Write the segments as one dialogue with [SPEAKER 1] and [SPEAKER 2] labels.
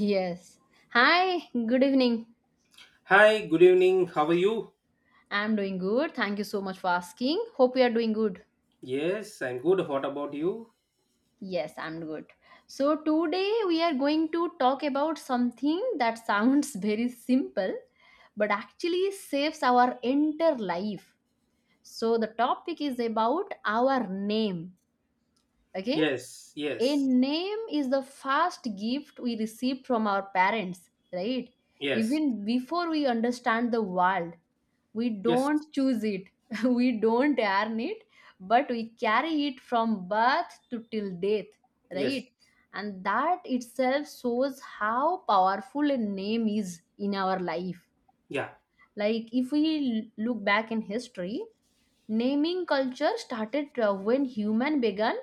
[SPEAKER 1] Yes. Hi, good evening.
[SPEAKER 2] Hi, good evening. How are you?
[SPEAKER 1] I'm doing good. Thank you so much for asking. Hope you are doing good.
[SPEAKER 2] Yes, I'm good. What about you?
[SPEAKER 1] Yes, I'm good. So today we are going to talk about something that sounds very simple but actually saves our entire life. So the topic is about our name. Okay?
[SPEAKER 2] Yes,
[SPEAKER 1] A
[SPEAKER 2] yes,
[SPEAKER 1] name is the first gift we receive from our parents, right?
[SPEAKER 2] yes,
[SPEAKER 1] Even before we understand the world, we
[SPEAKER 2] yes,
[SPEAKER 1] don't choose it, we don't earn it, but we carry it from birth to till death,
[SPEAKER 2] yes.
[SPEAKER 1] right? And that itself shows how powerful a name is in our life.
[SPEAKER 2] Yeah.
[SPEAKER 1] Like if we look back in history, naming culture started when human began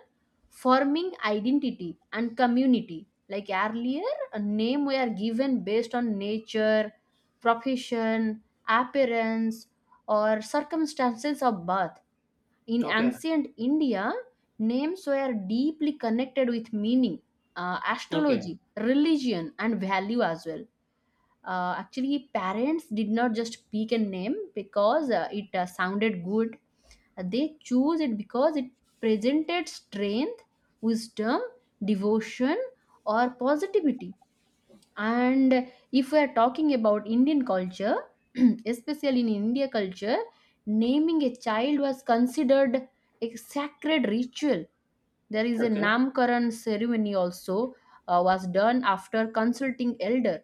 [SPEAKER 1] forming identity and community. Like earlier, a name were given based on nature, profession, appearance, or circumstances of birth. In
[SPEAKER 2] Okay.
[SPEAKER 1] ancient India, names were deeply connected with meaning,
[SPEAKER 2] Okay.
[SPEAKER 1] astrology, religion, and value as well. Actually, parents did not just pick a name because it sounded good. They choose it because it presented strength, wisdom, devotion, or positivity. And if we are talking about Indian culture, especially in India culture, naming a child was considered a sacred ritual. There is a
[SPEAKER 2] Okay.
[SPEAKER 1] Namkaran ceremony also was done after consulting elder,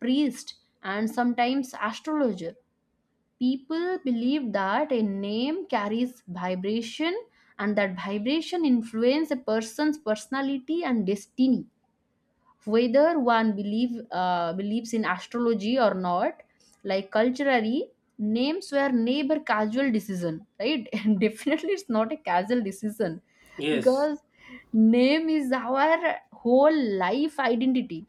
[SPEAKER 1] priest, and sometimes astrologer. People believe that a name carries vibration, and that vibration influence a person's personality and destiny. Whether one believes in astrology or not, like culturally names were never casual decision, right? And definitely it's not a casual decision,
[SPEAKER 2] Yes.
[SPEAKER 1] because name is our whole life identity.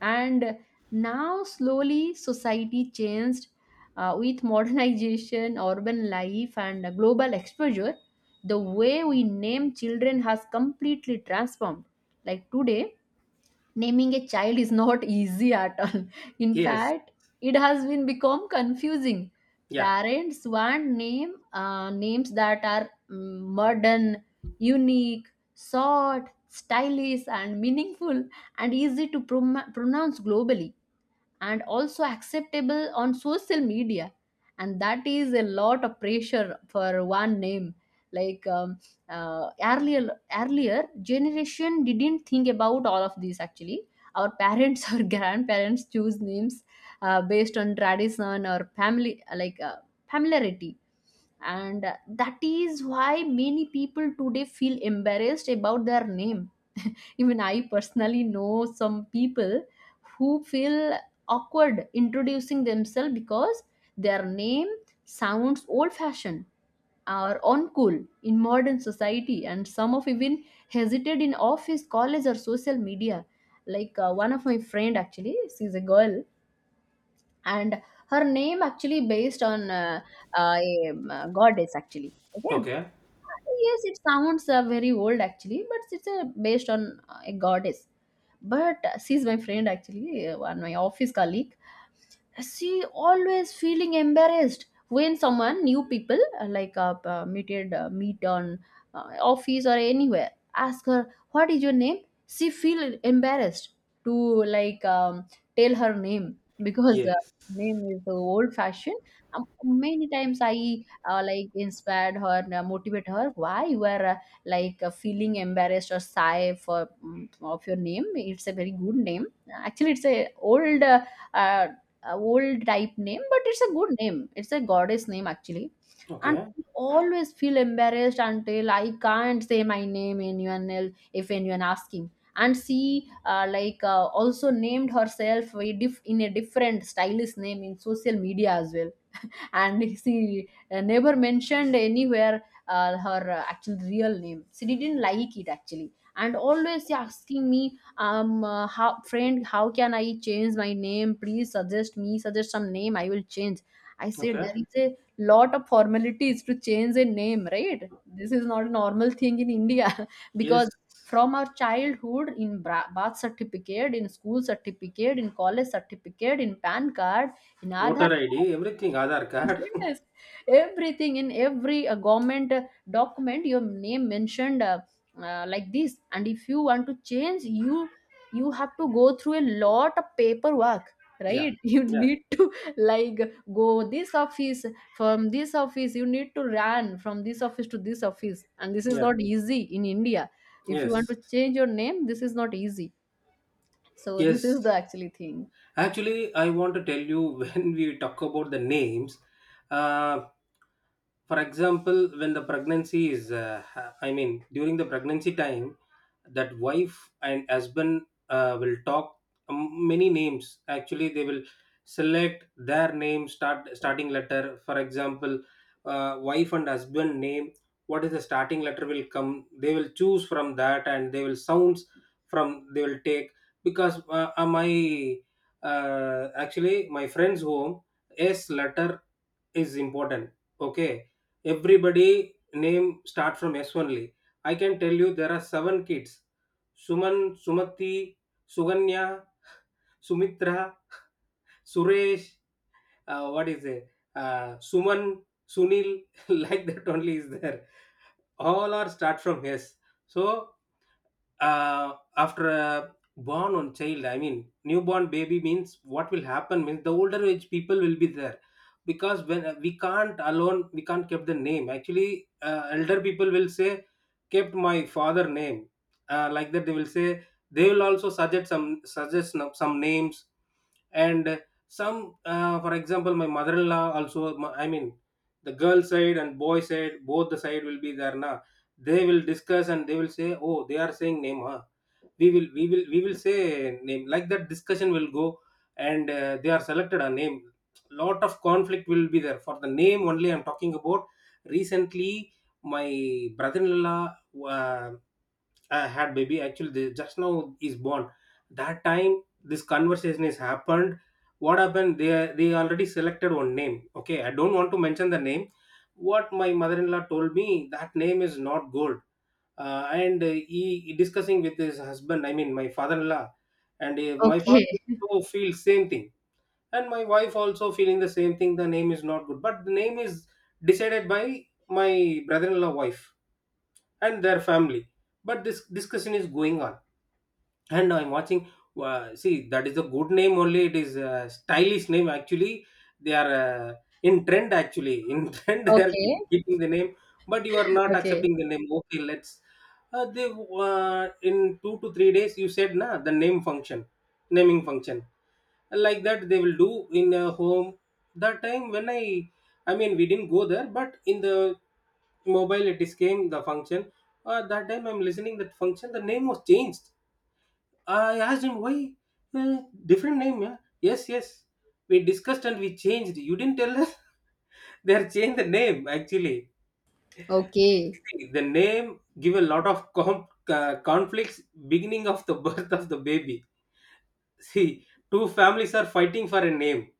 [SPEAKER 1] And now slowly society changed, with modernization, urban life, and global exposure, the way we name children has completely transformed. Like today, naming a child is not easy at all. In
[SPEAKER 2] Yes.
[SPEAKER 1] fact, it has been become confusing.
[SPEAKER 2] Yeah.
[SPEAKER 1] Parents want names that are modern, unique, short, stylish, and meaningful, and easy to pronounce globally, and also acceptable on social media. And that is a lot of pressure for one name. Like uh, earlier earlier generation didn't think about all of these actually. Our parents or grandparents choose names based on tradition or family, like familiarity. And that is why many people today feel embarrassed about their name. Even I personally know some people who feel awkward introducing themselves because their name sounds old fashioned or uncool in modern society, and some of even hesitate in office, college, or social media. Like one of my friend actually, she's a girl, and her name actually based on a goddess actually. Okay,
[SPEAKER 2] Okay.
[SPEAKER 1] yes, it sounds very old actually, but it's based on a goddess. But she's my friend actually, one my office colleague. She always feeling embarrassed when someone new people like meted meet on office or anywhere, ask her what is your name. She feel embarrassed to, like, tell her name because the
[SPEAKER 2] Yes.
[SPEAKER 1] name is so old fashioned. Many times I like inspired her and motivate her, why you are feeling embarrassed or shy for of your name. It's a very good name. Actually it's a old uh, old type name, but it's a good name. It's a goddess name actually. And
[SPEAKER 2] Okay.
[SPEAKER 1] I always feel embarrassed until I can't say my name anyone else if anyone asking. And she also named herself a in a different stylish name in social media as well, and she never mentioned anywhere her actual real name. She didn't like it actually, and always she asking me, how friend, how can I change my name? Please suggest me, suggest some name. I will change. I said
[SPEAKER 2] Okay.
[SPEAKER 1] there is a lot of formalities to change a name, right? This is not a normal thing in India
[SPEAKER 2] Yes.
[SPEAKER 1] because from our childhood in birth certificate, in school certificate, in college certificate, in PAN card, in Aadhaar
[SPEAKER 2] Voter ID, everything, Aadhaar
[SPEAKER 1] card.
[SPEAKER 2] card.
[SPEAKER 1] Yes, everything in every government document, your name mentioned like this. And if you want to change, you have to go through a lot of paperwork,
[SPEAKER 2] Yeah.
[SPEAKER 1] right? You
[SPEAKER 2] Yeah.
[SPEAKER 1] need to like go this office from this office. You need to run from this office to this office, and this is
[SPEAKER 2] Yeah.
[SPEAKER 1] not easy in India. If you want
[SPEAKER 2] Yes.
[SPEAKER 1] to change your name, this is not easy. So this is
[SPEAKER 2] Yes.
[SPEAKER 1] the actually thing.
[SPEAKER 2] Actually, I want to tell you when we talk about the names. Uh, for example, when the pregnancy is I mean, during the pregnancy time, that wife and husband will talk many names. Actually, they will select their name start, starting letter. For example, wife and husband name, what is the starting letter will come, they will choose from that, and they will sounds, from they will take. Because my actually my friend's home, S letter is important. Okay, everybody name start from S only. I can tell you there are seven kids. Suman, Sumati, Suganya, Sumitra, Suresh, what is it? Suman, Sunil, like that only is there. All are start from S. So after a born on child, I mean newborn baby, means what will happen means the older age people will be there. Because when we can't alone, we can't keep the name, actually elder people will say kept my father name, like that they will say. They will also suggest some, suggest no- some names. And some, for example, my mother-in-law also, my- I mean, the girl side and boy side, both the side will be there now. They will discuss and they will say, oh, they are saying name, huh? We will, we will, we will say name, like that discussion will go. And they are selected a name. Lot of conflict will be there. For the name only I'm talking about. Recently, my brother-in-law, uh, had baby actually. They just now is born. That time this conversation is happened. What happened, they already selected one name. Okay, I don't want to mention the name. What my mother-in-law told me, that name is not gold. And he discussing with his husband, I mean my father-in-law, and my
[SPEAKER 1] Okay,
[SPEAKER 2] father also feel same thing. And my wife also feeling the same thing, the name is not good. But the name is decided by my brother-in-law wife and their family. But this discussion is going on, and I'm watching. See, that is a good name only, it is a stylish name actually. They are in trend, actually in trend they are
[SPEAKER 1] okay,
[SPEAKER 2] keeping the name. But you are not
[SPEAKER 1] okay,
[SPEAKER 2] accepting the name. Okay, let's, they, in two to three days you said na, the name function, naming function, like that they will do in a home. That time when I mean, we didn't go there, but in the mobile it is came the function. That time I'm listening that function, the name was changed. I asked him why different name. Yeah? Yes, yes. We discussed and we changed. You didn't tell us. They are changed the name actually.
[SPEAKER 1] okay.
[SPEAKER 2] See, the name give a lot of conflicts beginning of the birth of the baby. See, two families are fighting for a name.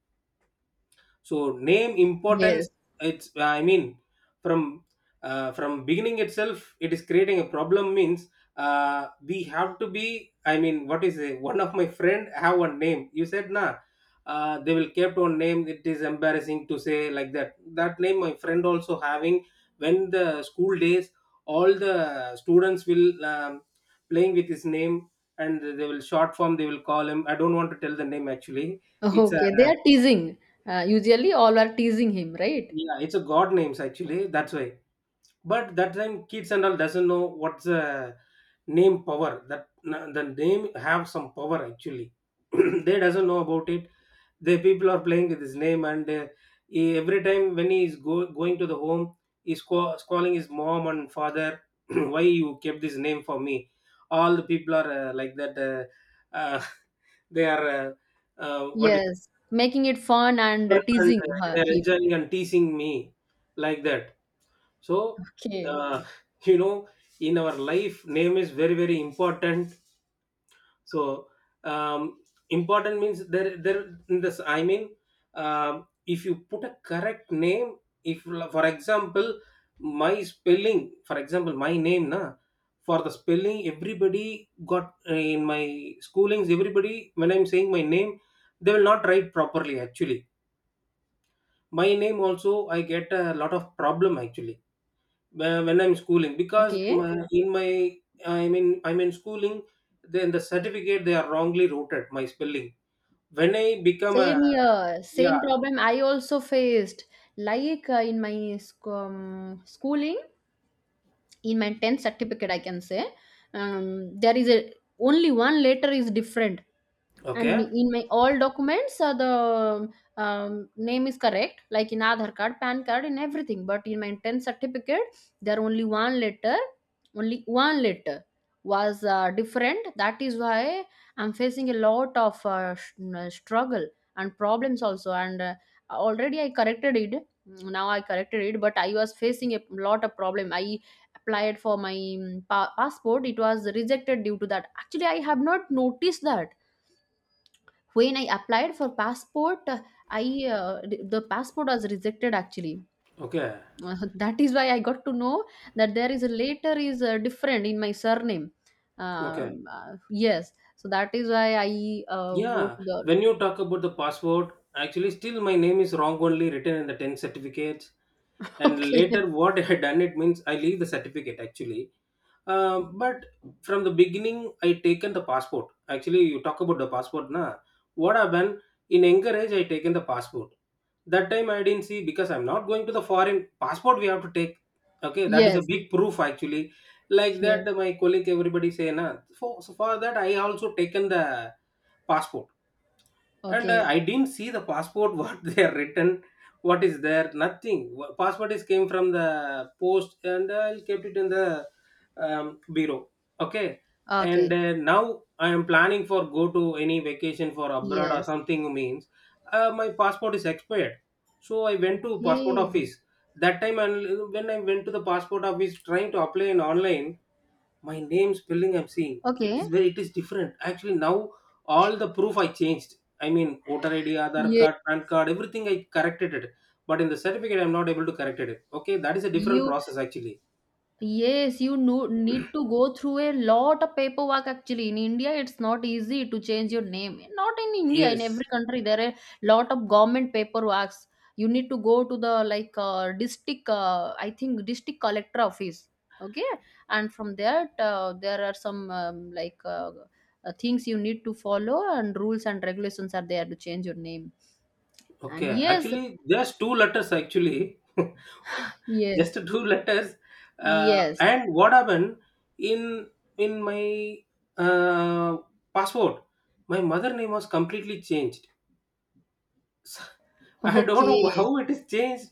[SPEAKER 2] So name
[SPEAKER 1] Yes.
[SPEAKER 2] importance, it's, I mean, from from beginning itself it is creating a problem. Means we have to be, I mean what is it, one of my friend have one name, you said nah, they will kept on name, it is embarrassing to say, like that. That name my friend also having. When the school days, all the students will playing with his name, and they will short form, they will call him. I don't want to tell the name actually. It's a,
[SPEAKER 1] Okay, they are teasing. Usually, all are teasing him, right?
[SPEAKER 2] yeah, it's a god names actually. That's why. But that time kids and all doesn't know what's the name power. That na- the name have some power actually. They doesn't know about it. The people are playing with his name. And he- every time when he is go, going to the home, he's call, calling his mom and father. Why you kept this name for me? All the people are like that. They are, what is.
[SPEAKER 1] Yes, making it fun and
[SPEAKER 2] And
[SPEAKER 1] teasing her,
[SPEAKER 2] they are
[SPEAKER 1] him.
[SPEAKER 2] enjoying and teasing me, like that. So
[SPEAKER 1] Okay.
[SPEAKER 2] uh, you know, in our life name is very very important. So um, important means there, there in this, I mean, if you put a correct name, if, for example, my spelling, for example my name na, for the spelling everybody got, in my schoolings, everybody when I'm saying my name, they will not write properly actually. My name also I get a lot of problem actually, when I'm schooling, because
[SPEAKER 1] Okay.
[SPEAKER 2] my, in my, I mean I'm in schooling, then the certificate they are wrongly routed my spelling. When I become a,
[SPEAKER 1] Same here. Same
[SPEAKER 2] yeah.
[SPEAKER 1] problem I also faced. Like in my schooling, in my 10th certificate I can say, um, there is a, only one letter is different. And
[SPEAKER 2] Okay.
[SPEAKER 1] in my all documents the name is correct, like in aadhar card, pan card, in everything, but in my 10th certificate there only one letter was different. That is why I'm facing a lot of struggle and problems also. And already I corrected it, now I corrected it, but I was facing a lot of problem. I applied for my passport. It was rejected due to that, actually. I have not noticed that. When I applied for passport, i the passport was rejected actually.
[SPEAKER 2] Okay.
[SPEAKER 1] Uh, that is why I got to know that there is a later is different in my surname.
[SPEAKER 2] Okay.
[SPEAKER 1] um, uh, yes, so that is why I go
[SPEAKER 2] Yeah.
[SPEAKER 1] to
[SPEAKER 2] When
[SPEAKER 1] the,
[SPEAKER 2] you talk about the password actually, still my name is wrong only written in the 10 certificates. And
[SPEAKER 1] okay,
[SPEAKER 2] later what I had done, it means I leave the certificate actually. But from the beginning, I taken the passport. Actually, you talk about the passport, na. What happened in younger age? I taken the passport. That time I didn't see, because I'm not going to the foreign. Passport we have to take. Okay, that is a
[SPEAKER 1] yes,
[SPEAKER 2] big proof actually. Like that,
[SPEAKER 1] yes,
[SPEAKER 2] my colleague, everybody say na. For, so for that, I also taken the passport. And
[SPEAKER 1] okay,
[SPEAKER 2] I didn't see the passport what they are written, what is there, nothing. Passport is came from the post, and I kept it in the bureau. Okay. And
[SPEAKER 1] okay,
[SPEAKER 2] now I am planning for go to any vacation for abroad or
[SPEAKER 1] yes,
[SPEAKER 2] something, means my passport is expired. So I went to passport
[SPEAKER 1] okay,
[SPEAKER 2] office that time. And when I went to the passport office, trying to apply in online, my name spelling I'm seeing, it is
[SPEAKER 1] okay,
[SPEAKER 2] very, it is different actually. Now all the proof I changed, I mean voter ID, aadhar
[SPEAKER 1] yeah,
[SPEAKER 2] card, PAN card, everything I corrected it. But in the certificate I'm not able to correct it. Okay, that is a different
[SPEAKER 1] you.
[SPEAKER 2] process actually.
[SPEAKER 1] Yes, you no need to go through a lot of paperwork actually. In India, it's not easy to change your name. Not in India, in
[SPEAKER 2] Yes.
[SPEAKER 1] every country, there are a lot of government paperworks. You need to go to the like district, I think district collector office. Okay, and from there, there are some things you need to follow, and rules and regulations are there to change your name. And
[SPEAKER 2] Okay,
[SPEAKER 1] yes,
[SPEAKER 2] actually just two letters actually, just
[SPEAKER 1] yes,
[SPEAKER 2] two letters.
[SPEAKER 1] yes.
[SPEAKER 2] And what happened in in my, uh, passport, my mother name was completely changed. I don't know
[SPEAKER 1] Okay.
[SPEAKER 2] how it is changed.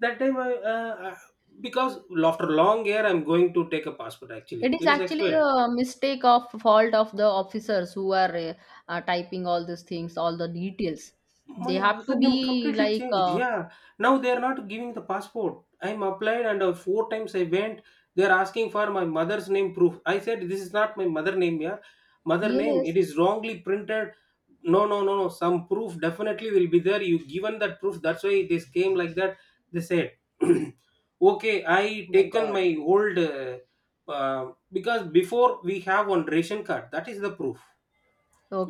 [SPEAKER 2] That time I, because after long year, I'm going to take a passport.
[SPEAKER 1] It
[SPEAKER 2] Actually,
[SPEAKER 1] is
[SPEAKER 2] it is
[SPEAKER 1] actually
[SPEAKER 2] expired.
[SPEAKER 1] the mistake of fault of the officers who are typing all these things, all the details.
[SPEAKER 2] My
[SPEAKER 1] They have
[SPEAKER 2] mother
[SPEAKER 1] to
[SPEAKER 2] name
[SPEAKER 1] be
[SPEAKER 2] completely
[SPEAKER 1] like,
[SPEAKER 2] changed. Yeah, now they are not giving the passport. I'm applied, and four times I went. They are asking for my mother's name proof. I said this is not my mother name. Yeah, mother name.
[SPEAKER 1] yes,
[SPEAKER 2] It is wrongly printed. No, no, no, no. Some proof definitely will be there. You given that proof. That's why this came, like that, they said. Okay, I
[SPEAKER 1] oh my
[SPEAKER 2] taken
[SPEAKER 1] God,
[SPEAKER 2] my old because before we have one ration card. That is the proof.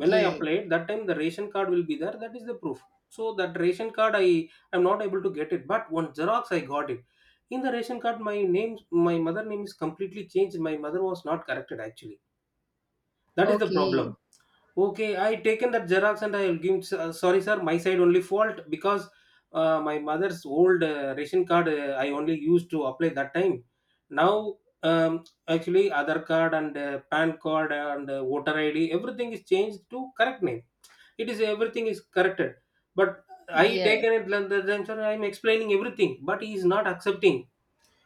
[SPEAKER 2] When I applied that time, the ration card will be there, that is the proof. So that ration card I am not able to get it, but one xerox I got it. In the ration card, my name, my mother name is completely changed. My mother was not corrected actually, that is the problem.
[SPEAKER 1] okay,
[SPEAKER 2] Okay, I taken that xerox, and I will give him. Uh, sorry sir, my side only fault, because my mother's old, ration card, I only used to apply that time. Now, actually other card and PAN card and voter ID, everything is changed to correct name. It is everything is corrected. But I
[SPEAKER 1] yes.
[SPEAKER 2] taken it like that, then sir, I'm explaining everything, but he is not accepting.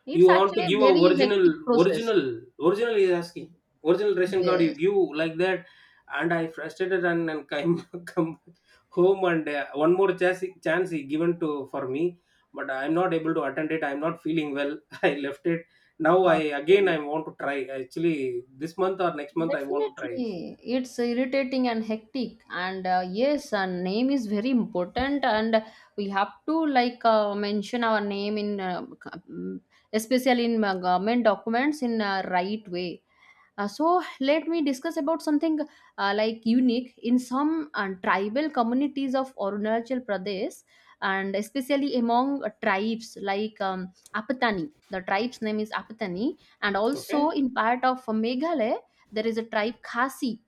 [SPEAKER 1] It's
[SPEAKER 2] You want
[SPEAKER 1] actually
[SPEAKER 2] to
[SPEAKER 1] a
[SPEAKER 2] give a
[SPEAKER 1] very
[SPEAKER 2] original,
[SPEAKER 1] hectic process.
[SPEAKER 2] original, original is asking. Original ration card you
[SPEAKER 1] Yes,
[SPEAKER 2] give, like that. And I frustrated, and come come home. And one more chance he given to for me, but I'm not able to attend it. I'm not feeling well. I left it. Now I again
[SPEAKER 1] okay.
[SPEAKER 2] I want to try. Actually, this month or next month I want to try.
[SPEAKER 1] Definitely, it's irritating and hectic, and yes, our name is very important, and we have to like mention our name in, especially in government documents in a right way. So let me discuss about something like unique in some tribal communities of Arunachal Pradesh, and especially among tribes like Apatani. The tribe's name is Apatani, and also
[SPEAKER 2] Okay,
[SPEAKER 1] in part of Meghalaya there is a tribe Khasi.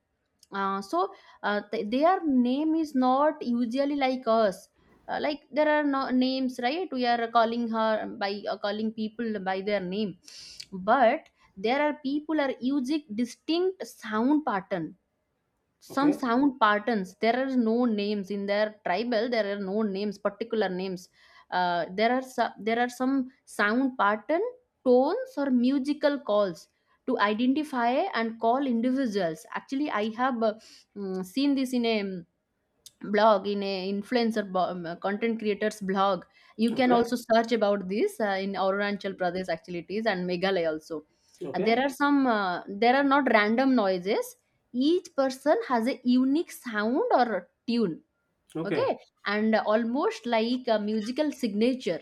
[SPEAKER 1] uh, so their name is not usually like us. Uh, like there are no names, right? We are calling her by, calling people by their name. But there are people are using distinct sound pattern, some
[SPEAKER 2] okay,
[SPEAKER 1] sound patterns. There are no names in their tribal, there are no names, particular names. Uh, there are there are some sound pattern, tones or musical calls, to identify and call individuals. Actually I have seen this in a blog, in a content creators blog. You can
[SPEAKER 2] okay,
[SPEAKER 1] also search about this in Arunachal Pradesh, actually it is, and Meghalaya also. There
[SPEAKER 2] okay,
[SPEAKER 1] are some, there are not random noises. Each person has a unique sound or tune, okay,
[SPEAKER 2] okay.
[SPEAKER 1] and almost like a musical signature.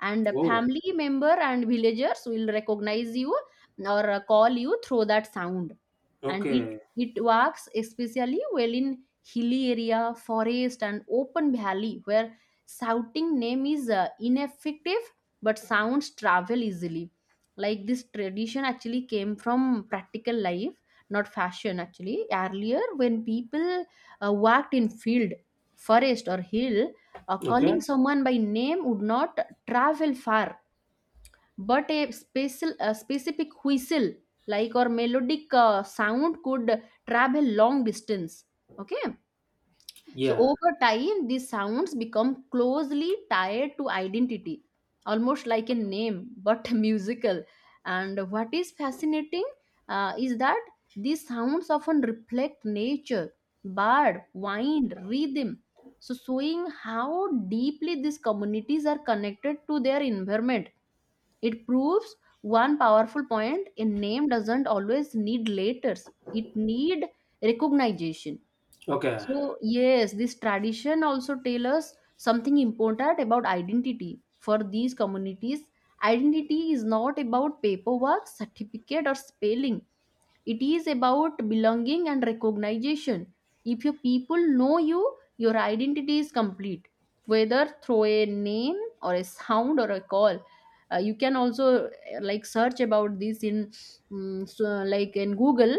[SPEAKER 1] And
[SPEAKER 2] Oh,
[SPEAKER 1] family member and villagers will recognize you or call you through that sound. And it
[SPEAKER 2] okay.
[SPEAKER 1] works especially well in hilly area, forest, and open valley, where shouting name is ineffective, but sounds travel easily. Like this tradition actually came from practical life, not fashion. Actually earlier when people worked in field, forest, or hill, calling
[SPEAKER 2] Okay.
[SPEAKER 1] someone by name would not travel far, but a a specific whistle, like, or melodic sound, could travel long distance. Okay, so
[SPEAKER 2] Yeah.
[SPEAKER 1] over time, these sounds become closely tied to identity, almost like a name, but musical. And what is fascinating is that these sounds often reflect nature, bird, wind, rhythm. So showing how deeply these communities are connected to their environment, it proves one powerful point: a name doesn't always need letters, it need recognition.
[SPEAKER 2] Okay.
[SPEAKER 1] So yes, this tradition also tell us something important about identity. For these communities, identity is not about paperwork, certificate, or spelling. It is about belonging and recognition. If your people know you, your identity is complete, whether through a name, or a sound, or a call. You can also search about this in, like in Google,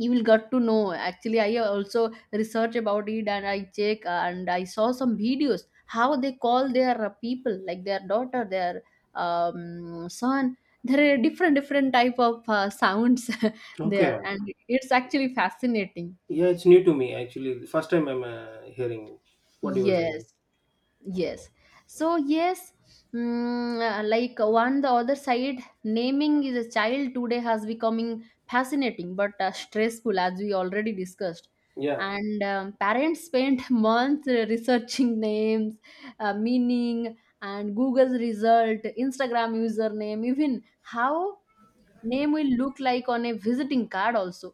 [SPEAKER 1] you will get to know. Actually I also research about it, and I check, and I saw some videos how they call their people, like their daughter, their son. There are different different type of sounds there,
[SPEAKER 2] Okay.
[SPEAKER 1] and it's actually fascinating.
[SPEAKER 2] Yeah, it's new to me actually. The first time I'm hearing what you were saying.
[SPEAKER 1] Yes, yes. So yes, one the other side, naming is a child today has becoming fascinating but stressful, as we already discussed.
[SPEAKER 2] Yeah.
[SPEAKER 1] And parents spend months researching names, meaning, and Google's result, Instagram username, even how name will look like on a visiting card also.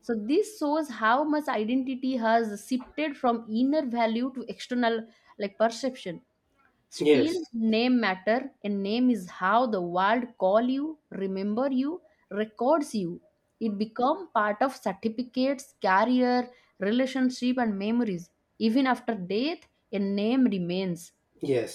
[SPEAKER 1] So this shows how much identity has shifted from inner value to external, like perception. Still,
[SPEAKER 2] Yes.
[SPEAKER 1] name matter, and name is how the world call you, remember you, records you. It become part of certificates, career, relationship, and memories. Even after death, a name remains.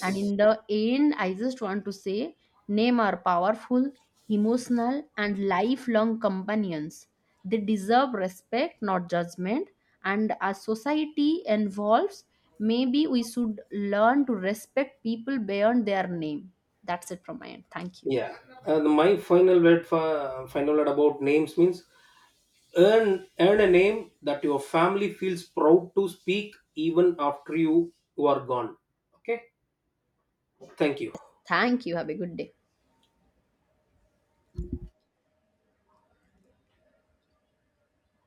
[SPEAKER 1] And in the end, I just want to say, name are powerful, emotional, and lifelong companions. They deserve respect, not judgment. And as society evolves, maybe we should learn to respect people beyond their name. That's it from my end. Thank you.
[SPEAKER 2] Yeah. And my final word, for final word about names means, earn a name that your family feels proud to speak even after you, you are gone. Okay. Thank you.
[SPEAKER 1] Thank you. Have a good day.